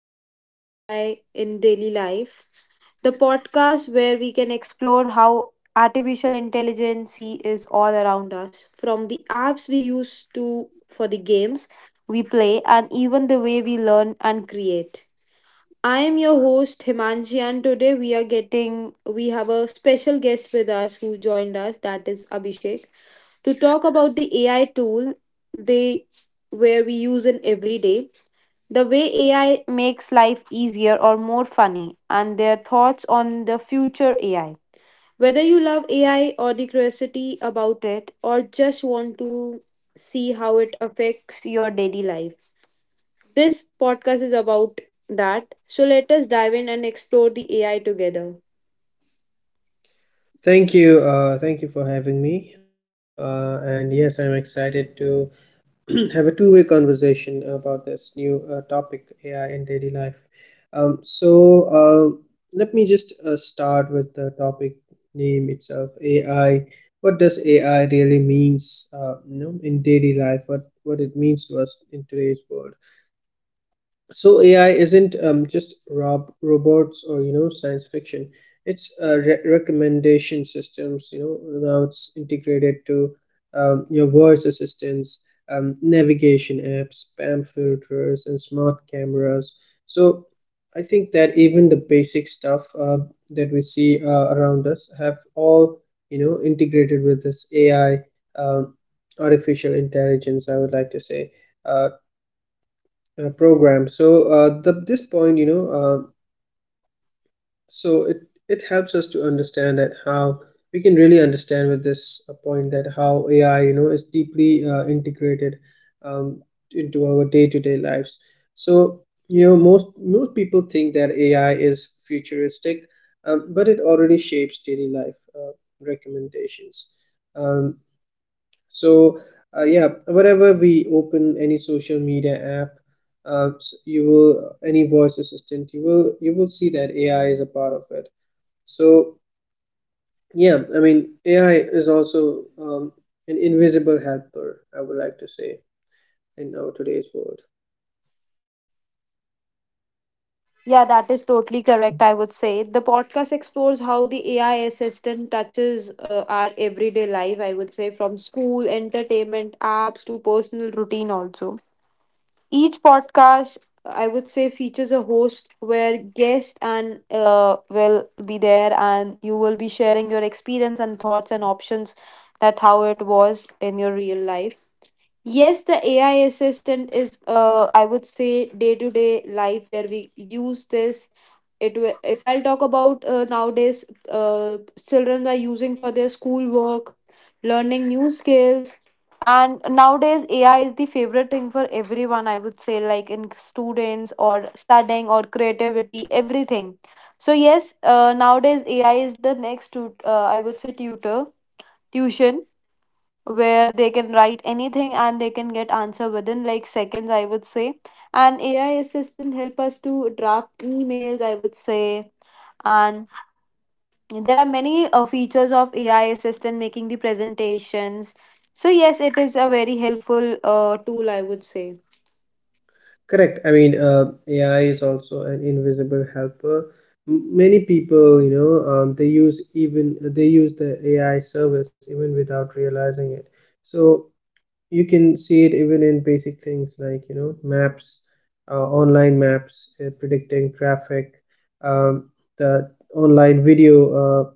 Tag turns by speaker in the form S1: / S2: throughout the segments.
S1: welcome to the AI in Daily Life, the podcast where we can explore how artificial intelligence is all around us, from the apps we use to for the games we play, and even the way we learn and create. I am your host Himanshi, and today we are getting we have a special guest with us who joined us, that is Abhishek, to talk about the AI tool they where we use in every day, the way AI makes life easier or more funny, and their thoughts on the future AI. Whether you love AI or the curiosity about it, or just want to see how it affects your daily life, this podcast is about that. So let us dive in and explore the AI together.
S2: Thank you. Thank you for having me. And yes, I'm excited to have a two-way conversation about this new topic, AI in daily life. Um, so, uh, Let me just start with the topic name itself, AI. What does AI really means, in daily life? What it means to us in today's world? So AI isn't just robots or science fiction. It's recommendation systems. Now it's integrated to your voice assistants, navigation apps, spam filters, and smart cameras. So I think that even the basic stuff that we see around us have all integrated with this AI, um, artificial intelligence, I would like to say uh, program. So the, this point, you know, so it helps us to understand that how we can really understand with this point, that how AI, is deeply integrated um, into our day to day lives. So most people think that AI is futuristic, but it already shapes daily life, recommendations. Um, so yeah, wherever we open any social media app, s- you will any voice assistant, you will see that AI is a part of it. So yeah, I mean AI is also an invisible helper, I would like to say, in our today's world.
S1: Yeah, that is totally correct. I would say the podcast explores how the AI assistant touches our everyday life. I would say from school, entertainment, apps to personal routine, also. Each podcast, I would say, features a host where guest and will be there, and you will be sharing your experience and thoughts and options that how it was in your real life. Yes, the AI assistant is, I would say, day to day life where we use this. If I'll talk about nowadays, uh, children are using for their schoolwork, learning new skills, and nowadays AI is the favorite thing for everyone. I would say, like in students or studying or creativity, everything. So yes, nowadays AI is the next, I would say, tutor tuition where they can write anything and they can get answer within like seconds, I would say. And AI assistant help us to draft emails, I would say. And there are many features of AI assistant making the presentations. So yes, it is a very helpful tool, I would say.
S2: Correct. I mean AI is also an invisible helper. Many people, they use, the AI service even without realizing it. So you can see it even in basic things like, maps, uh, online maps predicting traffic, um, the online uh,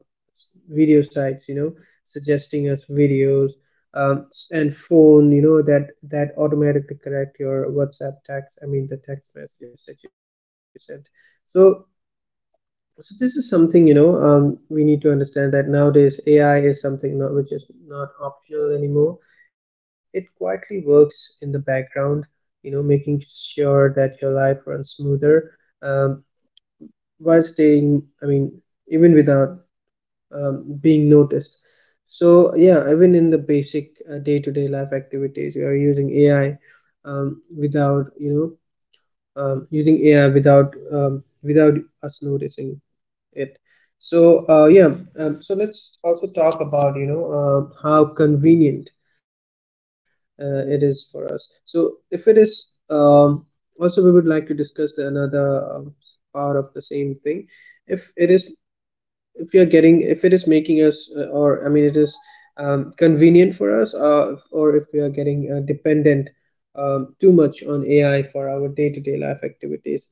S2: video sites, suggesting us videos, and phone, that automatically correct your whatsapp text, I mean the text messages that you sent. So so this is something, we need to understand that nowadays AI is something, not, which is not optional anymore. It quietly works in the background, making sure that your life runs smoother, um, while staying. I mean, even without being noticed. So yeah, even in the basic day-to-day life activities, we are using AI, without, using AI without, without us noticing it. Yeah, let's also talk about, how convenient it is for us. So if it is, also we would like to discuss the another, part of the same thing. If it is if you are getting If it is making us, or I mean it is, convenient for us, or if we are getting dependent too much on AI for our day-to-day life activities.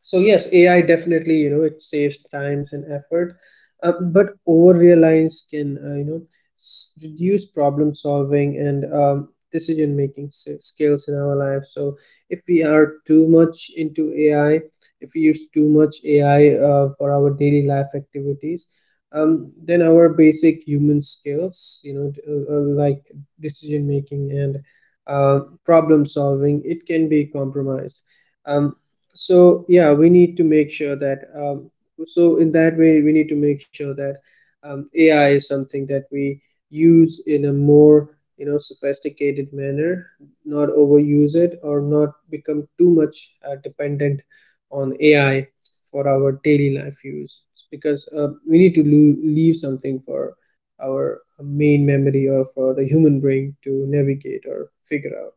S2: So yes, AI definitely, it saves times and effort, but over reliance can, reduce problem solving and, decision making skills in our life. So if we are too much into AI, if we use too much AI for our daily life activities, then our basic human skills, like decision making and problem solving, it can be compromised. Um, so yeah, we need to make sure that, in that way we need to make sure that, AI is something that we use in a more, sophisticated manner, not overuse it or not become too much dependent on AI for our daily life use, because we need to leave something for our main memory or for the human brain to navigate or figure out.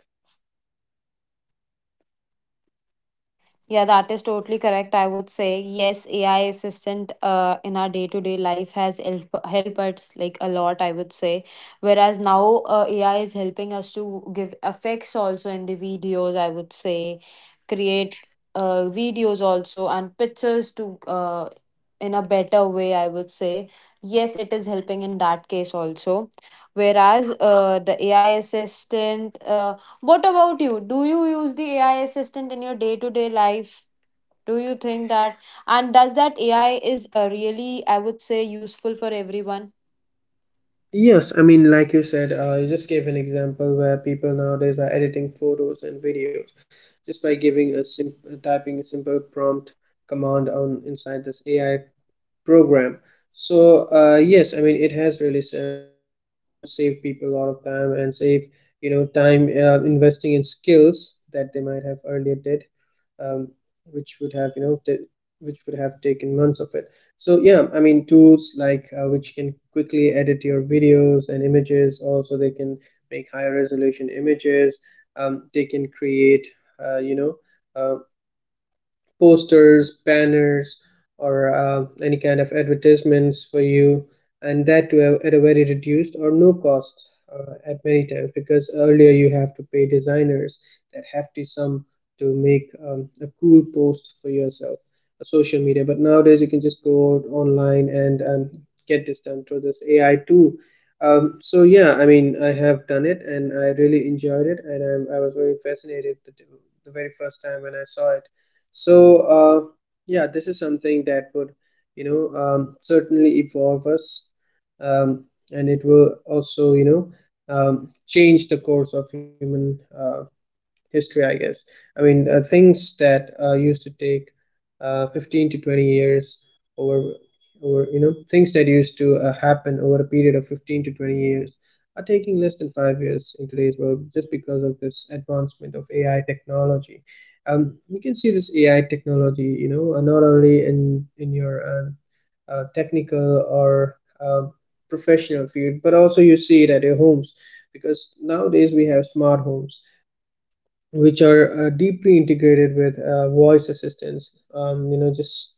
S1: Yeah, that is totally correct. I would say yes, AI assistant in our day to day life has help us like a lot. I would say, whereas now AI is helping us to give effects also in the videos. I would say, create videos also and pictures to in a better way. I would say yes, it is helping in that case also. Whereas the AI assistant what about you? Do you use the AI assistant in your day to day life? Do you think that and does that AI is really, I would say, useful for everyone?
S2: Yes, I mean, like you said, you just gave an example where people nowadays are editing photos and videos just by giving a typing a simple prompt command on inside this AI program. So yes, I mean, it has really saved people a lot of time and save, time investing in skills that they might have earlier did, um, which would have, taken months of it. So yeah, I mean tools like, which can quickly edit your videos and images, also they can make higher resolution images, they can create uh, you know uh, posters, banners, or any kind of advertisements for you, and that to a, at a very reduced or no cost at many times, because earlier you have to pay designers that hefty sum to make a cool post for yourself on social media. But nowadays you can just go out online and, get this done through this AI tool. So yeah, I mean, I have done it and I really enjoyed it, and I was very fascinated the very first time when I saw it. So yeah, this is something that would, certainly evolve us, um, and it will also, change the course of human, history, I guess. I mean, things that used to take 15 to 20 years over, things that used to happen over a period of 15 to 20 years are taking less than 5 years in today's world, just because of this advancement of AI technology. You can see this AI technology, not only in, your, technical or professional field, but also you see it at your homes, because nowadays we have smart homes which are deeply integrated with voice assistants. Just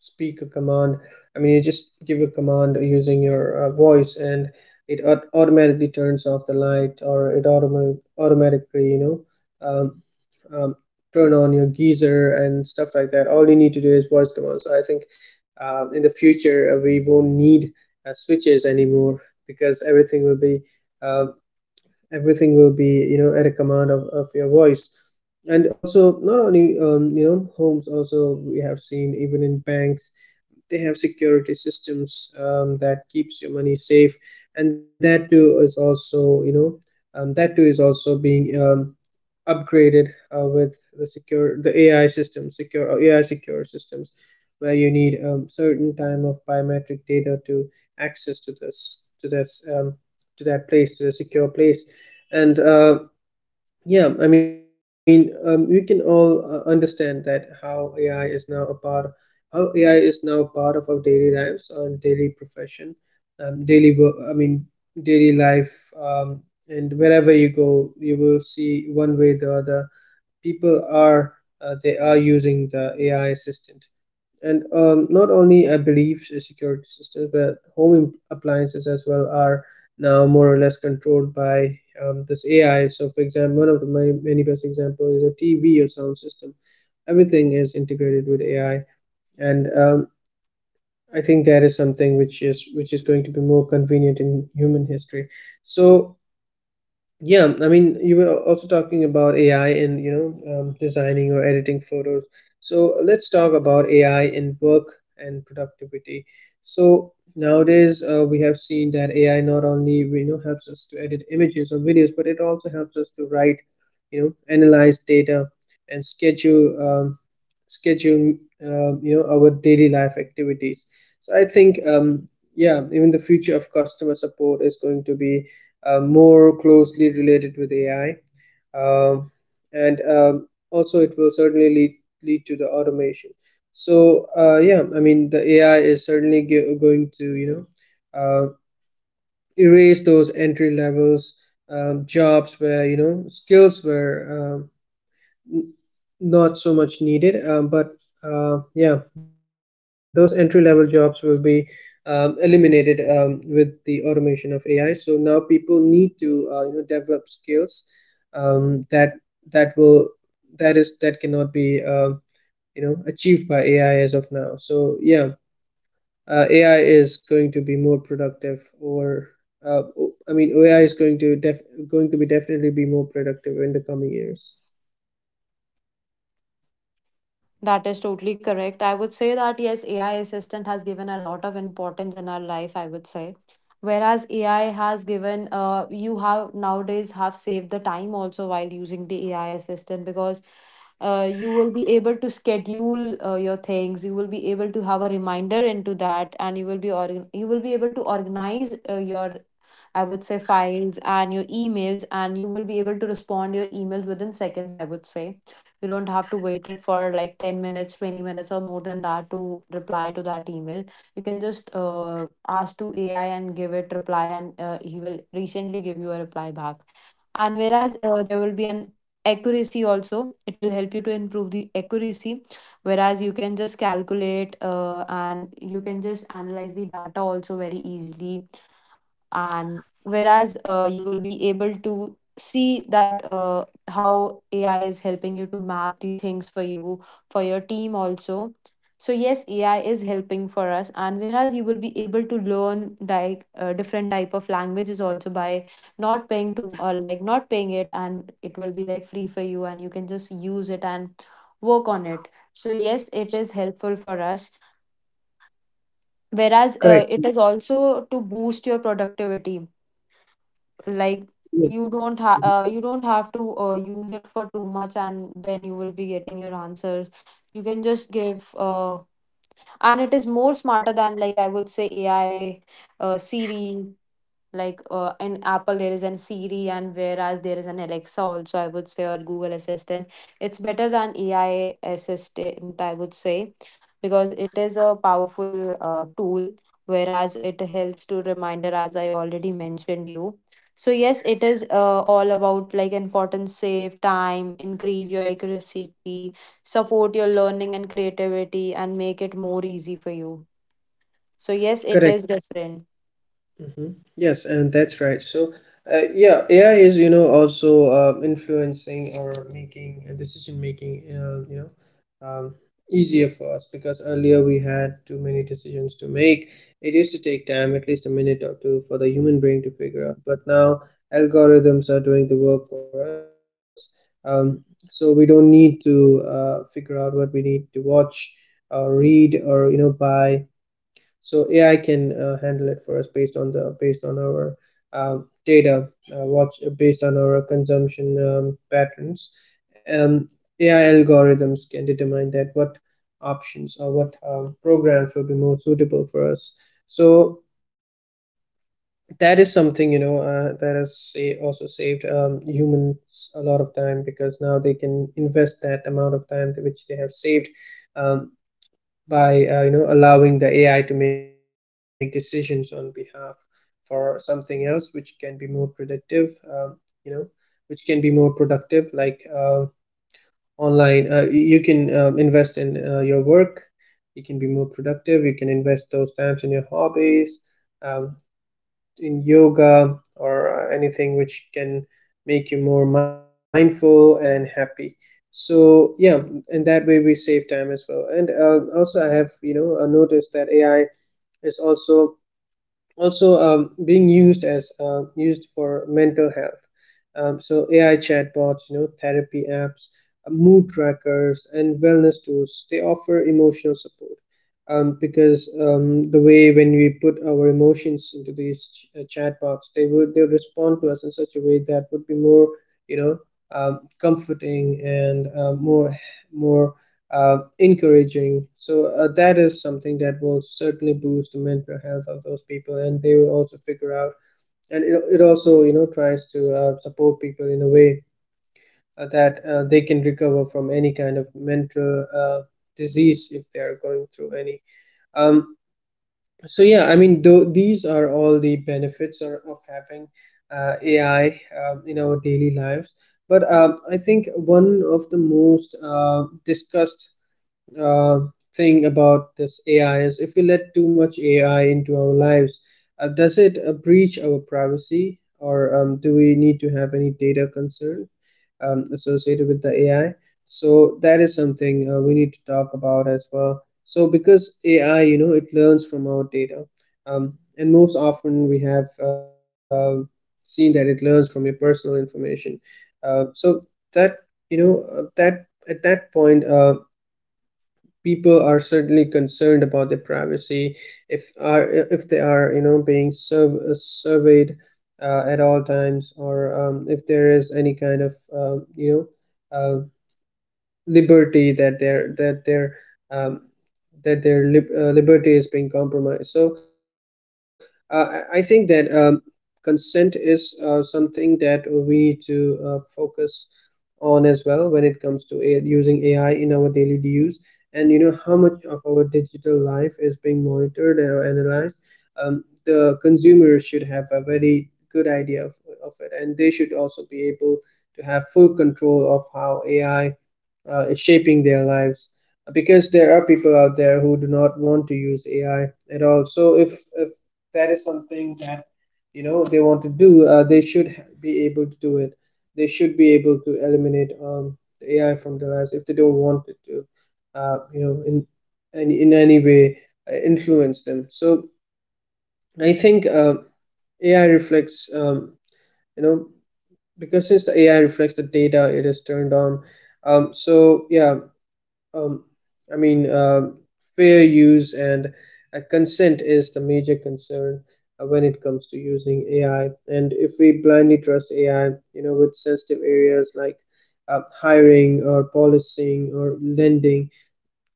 S2: speak a command. I mean, you just give a command using your voice, and it automatically turns off the light, or it automatically, know, um, um, turn on your geyser and stuff like that. All you need to do is voice command. So I think in the future we won't need switches anymore, because everything will be, um, at a command of your voice. And also, not only, homes, also we have seen even in banks they have security systems that keeps your money safe, and that too is also, that too is also being, upgraded with the secure the AI system, secure AI secure systems where you need a, certain time of biometric data to access to this, to that place to the secure place. And yeah, I mean we can all understand that how AI is now a part, of our daily lives and daily profession, daily work I mean daily life, and wherever you go you will see, one way or the other, people are, they are using the AI assistant. And, not only, I believe, security systems, but home appliances as well are now more or less controlled by, this AI. So, for example, one of the many, many best example is a TV or sound system. Everything is integrated with AI, and, I think that is something which is going to be more convenient in human history. So yeah, I mean you were also talking about AI and, designing or editing photos. So let's talk about AI in work and productivity. So nowadays we have seen that AI not only, helps us to edit images or videos, but it also helps us to write, analyze data, and schedule, schedule our daily life activities. So I think, yeah, even the future of customer support is going to be, more closely related with AI, um, and also it will certainly lead to the automation. So yeah, I mean the AI is certainly going to, uh, erase those entry levels, jobs where, skills were, not so much needed, but yeah, those entry level jobs will be, eliminated, with the automation of AI. So now people need to develop skills, that that will that is that cannot be, achieved by AI as of now. So yeah, AI is going to be more productive, or uh, I mean AI is going to, def- going to be definitely be more productive in the coming years.
S1: That is totally correct. I would say that yes, AI assistant has given a lot of importance in our life, I would say. Whereas AI has given you have nowadays have saved the time also while using the AI assistant because you will be able to schedule your things, you will be able to have a reminder into that, and you will be organ you will be able to organize your, I would say, files and your emails, and you will be able to respond your emails within seconds, I would say. You don't have to wait it for like 10 minutes, 20 minutes, or more than that to reply to that email. You can just ask to AI and give it reply, and he will recently give you a reply back. And whereas there will be an accuracy also, it will help you to improve the accuracy. Whereas you can just calculate and you can just analyze the data also very easily, and whereas you will be able to see that how AI is helping you to map the things for you, for your team also. So yes, AI is helping for us, and whereas you will be able to learn like different type of languages also, by not paying to or like not paying it, and it will be like free for you, and you can just use it and work on it. So yes, it is helpful for us, whereas
S2: Correct.
S1: it is also to boost your productivity. Like,
S2: Yeah.
S1: you don't have to use it for too much, and then you will be getting your answers. You can just give, and it is more smarter than, like, I would say, AI, Siri. Like, in Apple there is an Siri, and whereas there is an Alexa also, I would say, or Google Assistant. It's better than AI assistant, I would say, because it is a powerful tool. Whereas it helps to reminder as I already mentioned you. So yes, it is all about, like, importance, save time, increase your accuracy, support your learning and creativity, and make it more easy for you. So yes, it
S2: Correct.
S1: is different.
S2: Mm-hmm. Yes, and that's right. So, yeah, AI is, also influencing or making decision making, um, easier for us, because earlier we had too many decisions to make. It used to take time, at least a minute or two, for the human brain to figure out. But now algorithms are doing the work for us. Um, so we don't need to figure out what we need to watch or read or, buy, so AI can handle it for us, based on our data, watch based on our consumption patterns. Um, AI algorithms can determine that what options or what programs will be more suitable for us. So that is something, that has, say, also saved humans a lot of time, because now they can invest that amount of time which they have saved um, by allowing the AI to make decisions on behalf, for something else, which can be more productive. You know, which can be more productive, like online. You can invest in your work. You can be more productive. You can invest those times in your hobbies. Um, in yoga, or anything which can make you more mindful and happy. So yeah, and that way we save time as well. And also, I have noticed that AI is also being used as used for mental health. So AI chatbots, therapy apps, mood trackers, and wellness tools, they offer emotional support, because the way, when we put our emotions into these chatbots, they would respond to us in such a way that would be more, you know comforting, and more, encouraging. So that is something that will certainly boost the mental health of those people, and they will also figure out. And it also, tries to support people in a way that they can recover from any kind of mental disease, if they are going through any. Um, so yeah, I mean, though these are all the benefits, of having AI in our daily lives. But I think one of the most discussed uh, thing about this AI is, if we let too much AI into our lives, does it breach our privacy, or do we need to have any data concern associated with the AI? So that is something we need to talk about as well. So because AI, it learns from our data, and most often we have seen that it learns from your personal information. Uh, so that, that at that point, people are certainly concerned about their privacy, if are if they are being surveyed at all times, or if there is any kind of, uh, liberty that their um, liberty is being compromised. So I think that consent is something that we need to focus on as well, when it comes to using AI in our daily use, and you know how much of our digital life is being monitored or analyzed. The consumers should have a very good idea of it, and they should also be able to have full control of how AI is shaping their lives, because there are people out there who do not want to use AI at all. So if that is something that, they want to do, they should be able to do it. They should be able to eliminate the AI from their lives, if they don't want it to, in any way influence them. So I think, AI reflects, you know, because since the AI reflects the data it is turned on, so yeah, um, I mean, fair use and consent is the major concern when it comes to using AI. And if we blindly trust AI, with sensitive areas like hiring or policing or lending,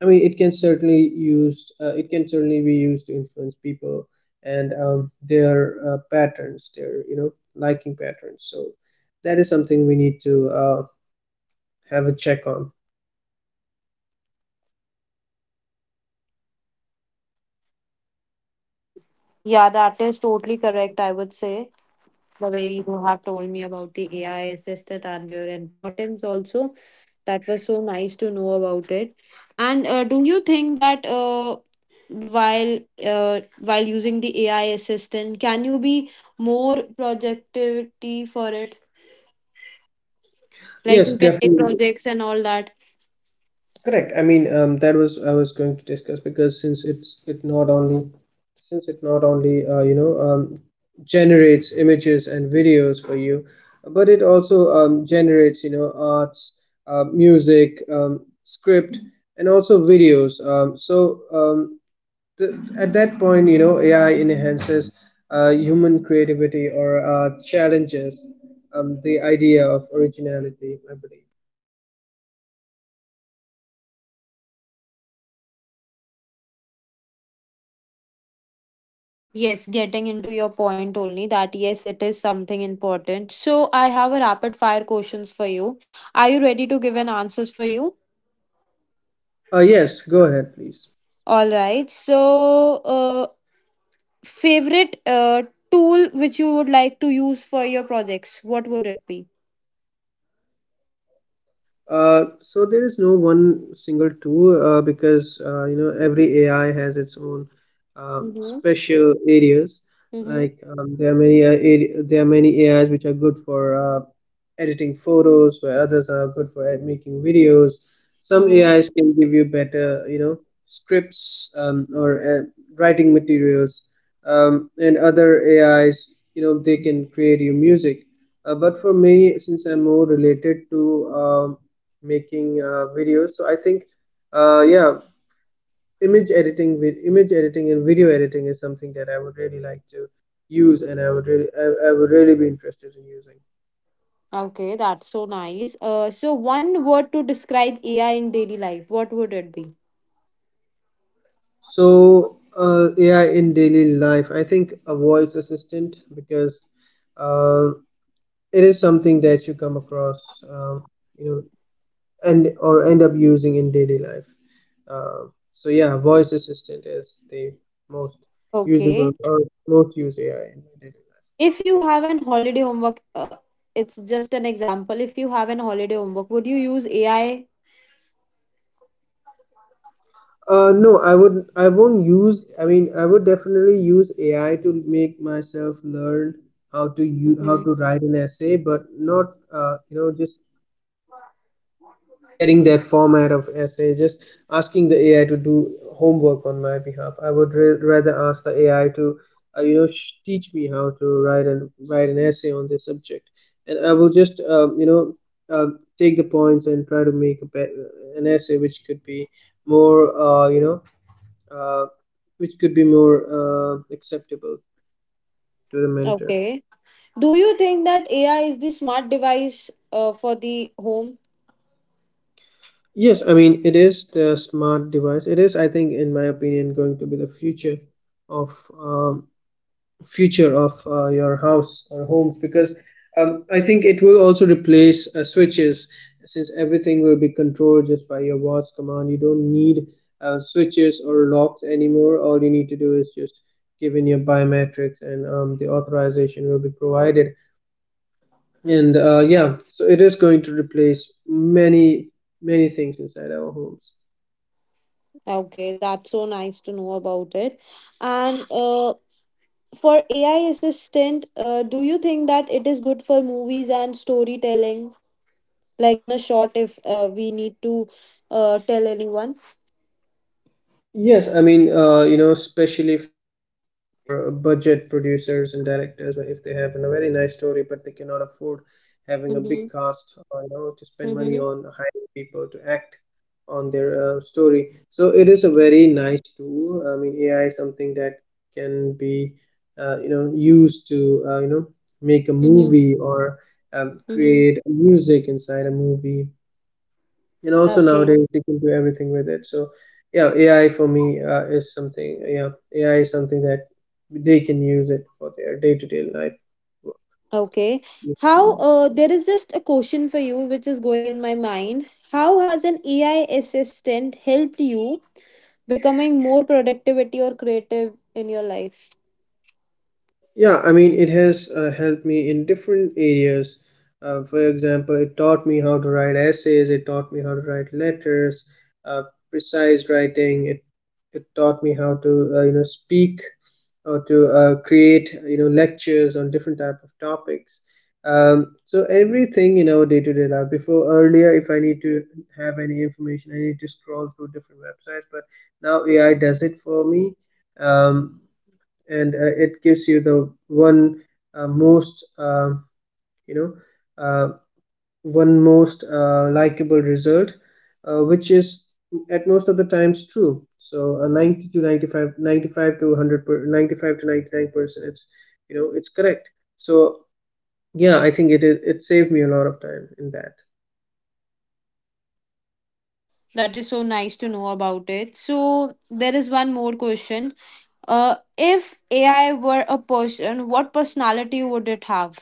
S2: I mean, it can certainly used. It can certainly be used to influence people, and their patterns, their liking patterns. So that is something we need to have a check on.
S1: Yeah, that is totally correct, I would say. The way you have told me about the AI assistant and their importance also, that was so nice to know about it. And do you think that while while using the AI assistant, can you be more productivity for it? Like you
S2: Yes,
S1: can take
S2: definitely.
S1: projects and all that.
S2: Correct. I mean, that was I was going to discuss, because since it not only generates images and videos for you, but it also generates, arts, music, script, and also videos. So the, at that point, AI enhances human creativity, or challenges the idea of originality, I believe.
S1: Yes, getting into your point only that yes, it is something important. So I have a rapid fire questions for you. Are you ready to give an answers for you?
S2: Yes, go ahead, please.
S1: All right. So, favorite tool which you would like to use for your projects, what would it be?
S2: So there is no one single tool, because every AI has its own
S1: Mm-hmm.
S2: special areas. Like,
S1: Mm-hmm.
S2: there are many AIs which are good for editing photos, where others are good for making videos. Some
S1: Mm-hmm.
S2: AIs can give you better, scripts, or writing materials, and other AIs, they can create you music, but for me, since I'm more related to making videos, so I think, yeah, image editing and video editing is something that I would really like to use, and I would really be interested in using.
S1: Okay, that's so nice. So one word to describe AI in daily life, what would it be?
S2: So AI in daily life, I think, a voice assistant, because uh, it is something that you come across, you know and or end up using in daily life. Uh, so yeah, voice assistant is the most usable,
S1: Okay.
S2: or most used, AI in my daily life.
S1: If you have an holiday homework, it's just an example. If you have an holiday homework, would you use AI?
S2: No, I won't use. I mean, I would definitely use AI to make myself learn how to
S1: Hmm.
S2: write an essay, but not just carrying that format of essay, just asking the AI to do homework on my behalf. I would rather ask the AI to, teach me how to write, and write an essay on this subject, and I will just, uh, take the points and try to make an essay which could be more, uh, you know, uh, which could be more, acceptable to the mentor.
S1: Okay. Do you think that AI is the smart device for the home?
S2: Yes, I mean, it is the smart device. It is, I think, in my opinion, going to be the future of um, of your house or homes, because I think it will also replace switches, since everything will be controlled just by your watch command. You don't need switches or locks anymore. All you need to do is just give in your biometrics, and the authorization will be provided. And yeah, so it is going to replace many, many things inside our homes.
S1: Okay, that's so nice to know about it. And for AI assistant, do you think that it is good for movies and storytelling? Like, in a short, if we need to tell anyone.
S2: Yes, I mean, especially for budget producers and directors, where if they have a very nice story, but they cannot afford having a big
S1: Mm-hmm.
S2: cast, or, to spend money
S1: Mm-hmm.
S2: on hiring people to act on their story. So it is a very nice tool. I mean, AI is something that can be, used to, make a
S1: Mm-hmm.
S2: movie, or
S1: Mm-hmm.
S2: create music inside a movie, and also
S1: Okay.
S2: nowadays you can do everything with it. So yeah, AI for me, is something. Yeah, AI is something that they can use it for their day-to-day life.
S1: Okay. How, there is just a question for you which is going in my mind. How has an AI assistant helped you becoming more productivity or creative in your life?
S2: Yeah, I mean, it has helped me in different areas. For example, it taught me how to write essays, it taught me how to write letters, uh, precise writing, it taught me how to, speak, or to create, lectures on different type of topics. So everything in our day-to-day life. Before, earlier, if I need to have any information, I need to scroll through different websites, but now AI does it for me. Um, and it gives you the uh, most uh, you know uh, one most likable result, which is at most of the times true, so a, 90 to 95, 95 to 100 95 to 99%, it's you know it's correct. So yeah, I think it saved me a lot of time in that.
S1: That is so nice to know about it. So, there is one more question. If AI were a person, what personality would it have?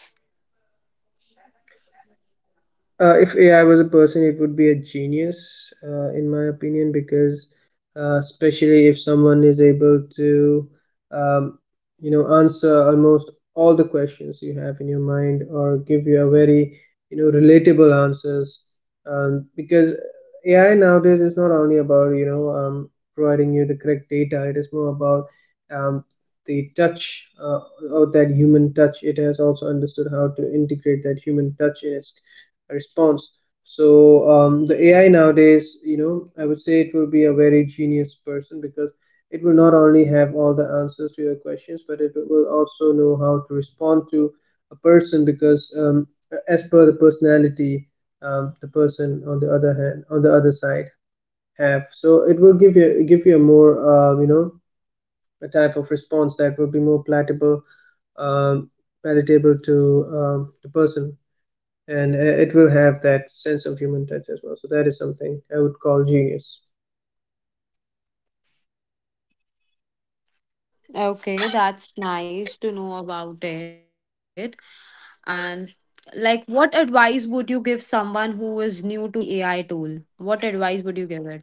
S2: If AI was a person, it would be a genius, in my opinion, because especially if someone is able to, um, answer almost all the questions you have in your mind, or give you a very, relatable answers. Because AI nowadays is not only about, providing you the correct data, it is more about um, the touch, or that human touch. It has also understood how to integrate that human touch in its response. So the AI nowadays, you know, I would say it will be a very genius person because it will not only have all the answers to your questions, but it will also know how to respond to a person because as per the personality, the person on the other hand, on the other side have. So it will give you a more you know a type of response that will be more palatable, um, palatable to the person and it will have that sense of human touch as well, so that is something I would call genius.
S1: Okay, that's nice to know about it. And like, what advice would you give someone who is new to the AI tool? What advice would you give it?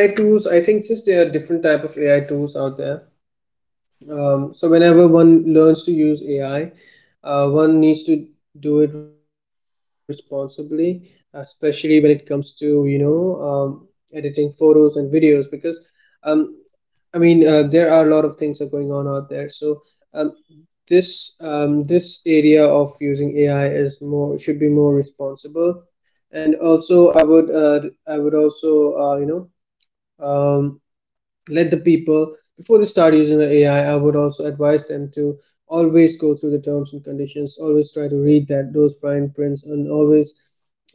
S2: AI tools, I think, since there are different type of AI tools out there, so whenever one learns to use AI, one needs to do it responsibly, especially when it comes to, you know, um, editing photos and videos because um, there are a lot of things are going on out there. So um, this area of using AI is more should be more responsible, and also I would also um, let the people, before they start using the AI, I would also advise them to always go through the terms and conditions, always try to read that those fine prints, and always,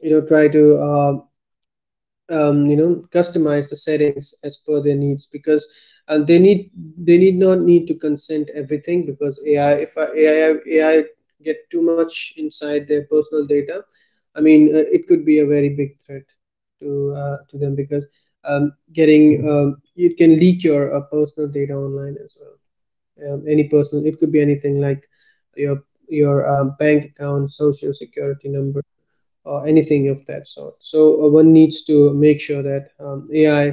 S2: you know, try to you know, customize the settings as per their needs, because uh, they need they need not need to consent everything, because AI, if uh, AI AI get too much inside their personal data, it could be a very big threat to them because getting it can leak your personal data online as well. Any personal, it could be anything like your your bank account, social security number, or anything of that sort. So one needs to make sure that AI,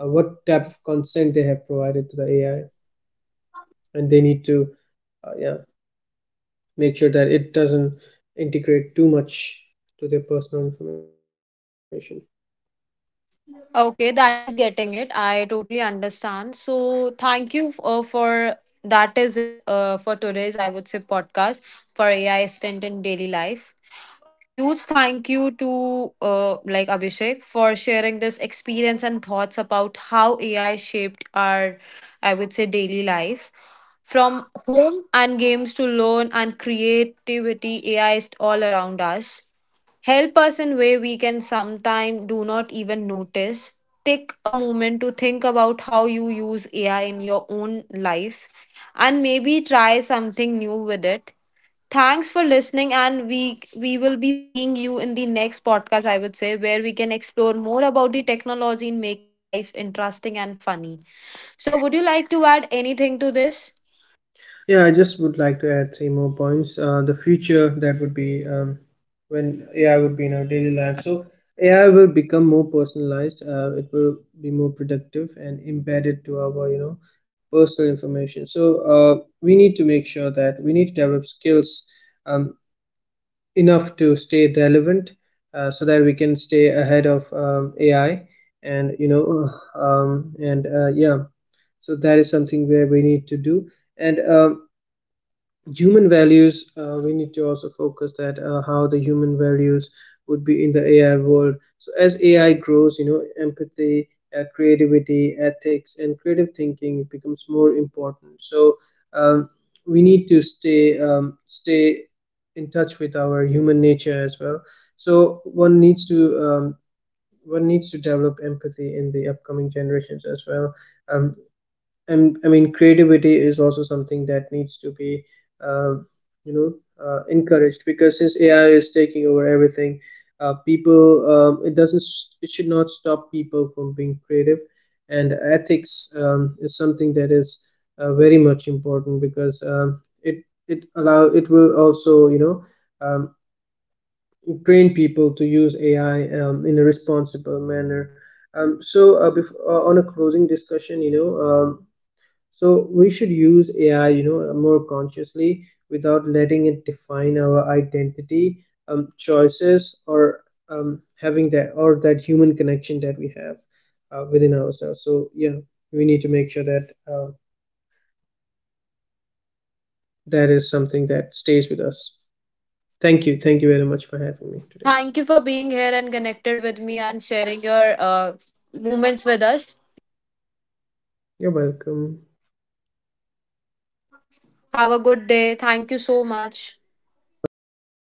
S2: what type of consent they have provided to the AI, and they need to yeah, make sure that it doesn't integrate too much to their personal information.
S1: Okay, that is getting it. I totally understand. So, thank you for that is it for today's, I would say, podcast for AI assistant in daily life. A huge thank you to like Abhishek for sharing this experience and thoughts about how AI shaped our, I would say, daily life. From home and games to learn and creativity, AI is all around us, help us in way we can sometime do not even notice. Take a moment to think about how you use AI in your own life, and maybe try something new with it. Thanks for listening, and we will be seeing you in the next podcast, I would say, where we can explore more about the technology in making life interesting and funny. So, would you like to add anything to this?
S2: Yeah, I just would like to add three more points. The future that would be when AI would be in our daily life. So AI will become more personalized. It will be more productive and embedded to our, you know, personal information. So we need to make sure that we need to develop skills um, enough to stay relevant, so that we can stay ahead of AI and yeah. So that is something where we need to do and. Human values, we need to also focus that how the human values would be in the AI world. So as AI grows, you know, empathy, creativity, ethics, and creative thinking becomes more important. So um, we need to stay in touch with our human nature as well, so one needs to develop empathy in the upcoming generations as well. Um, and I mean creativity is also something that needs to be uh, you know encouraged, because since AI is taking over everything, people, it doesn't s- it should not stop people from being creative. And ethics, is something that is very much important, because it will also, you know, um, train people to use AI in a responsible manner. On a closing discussion, you know, so we should use AI, you know, more consciously without letting it define our identity, choices, or having that or that human connection that we have within ourselves. So yeah, we need to make sure that that is something that stays with us. Thank you very much for having me today.
S1: Thank you for being here and connected with me and sharing your moments with us.
S2: You're welcome,
S1: Have a good day. Thank you so much.
S2: welcome. Bye.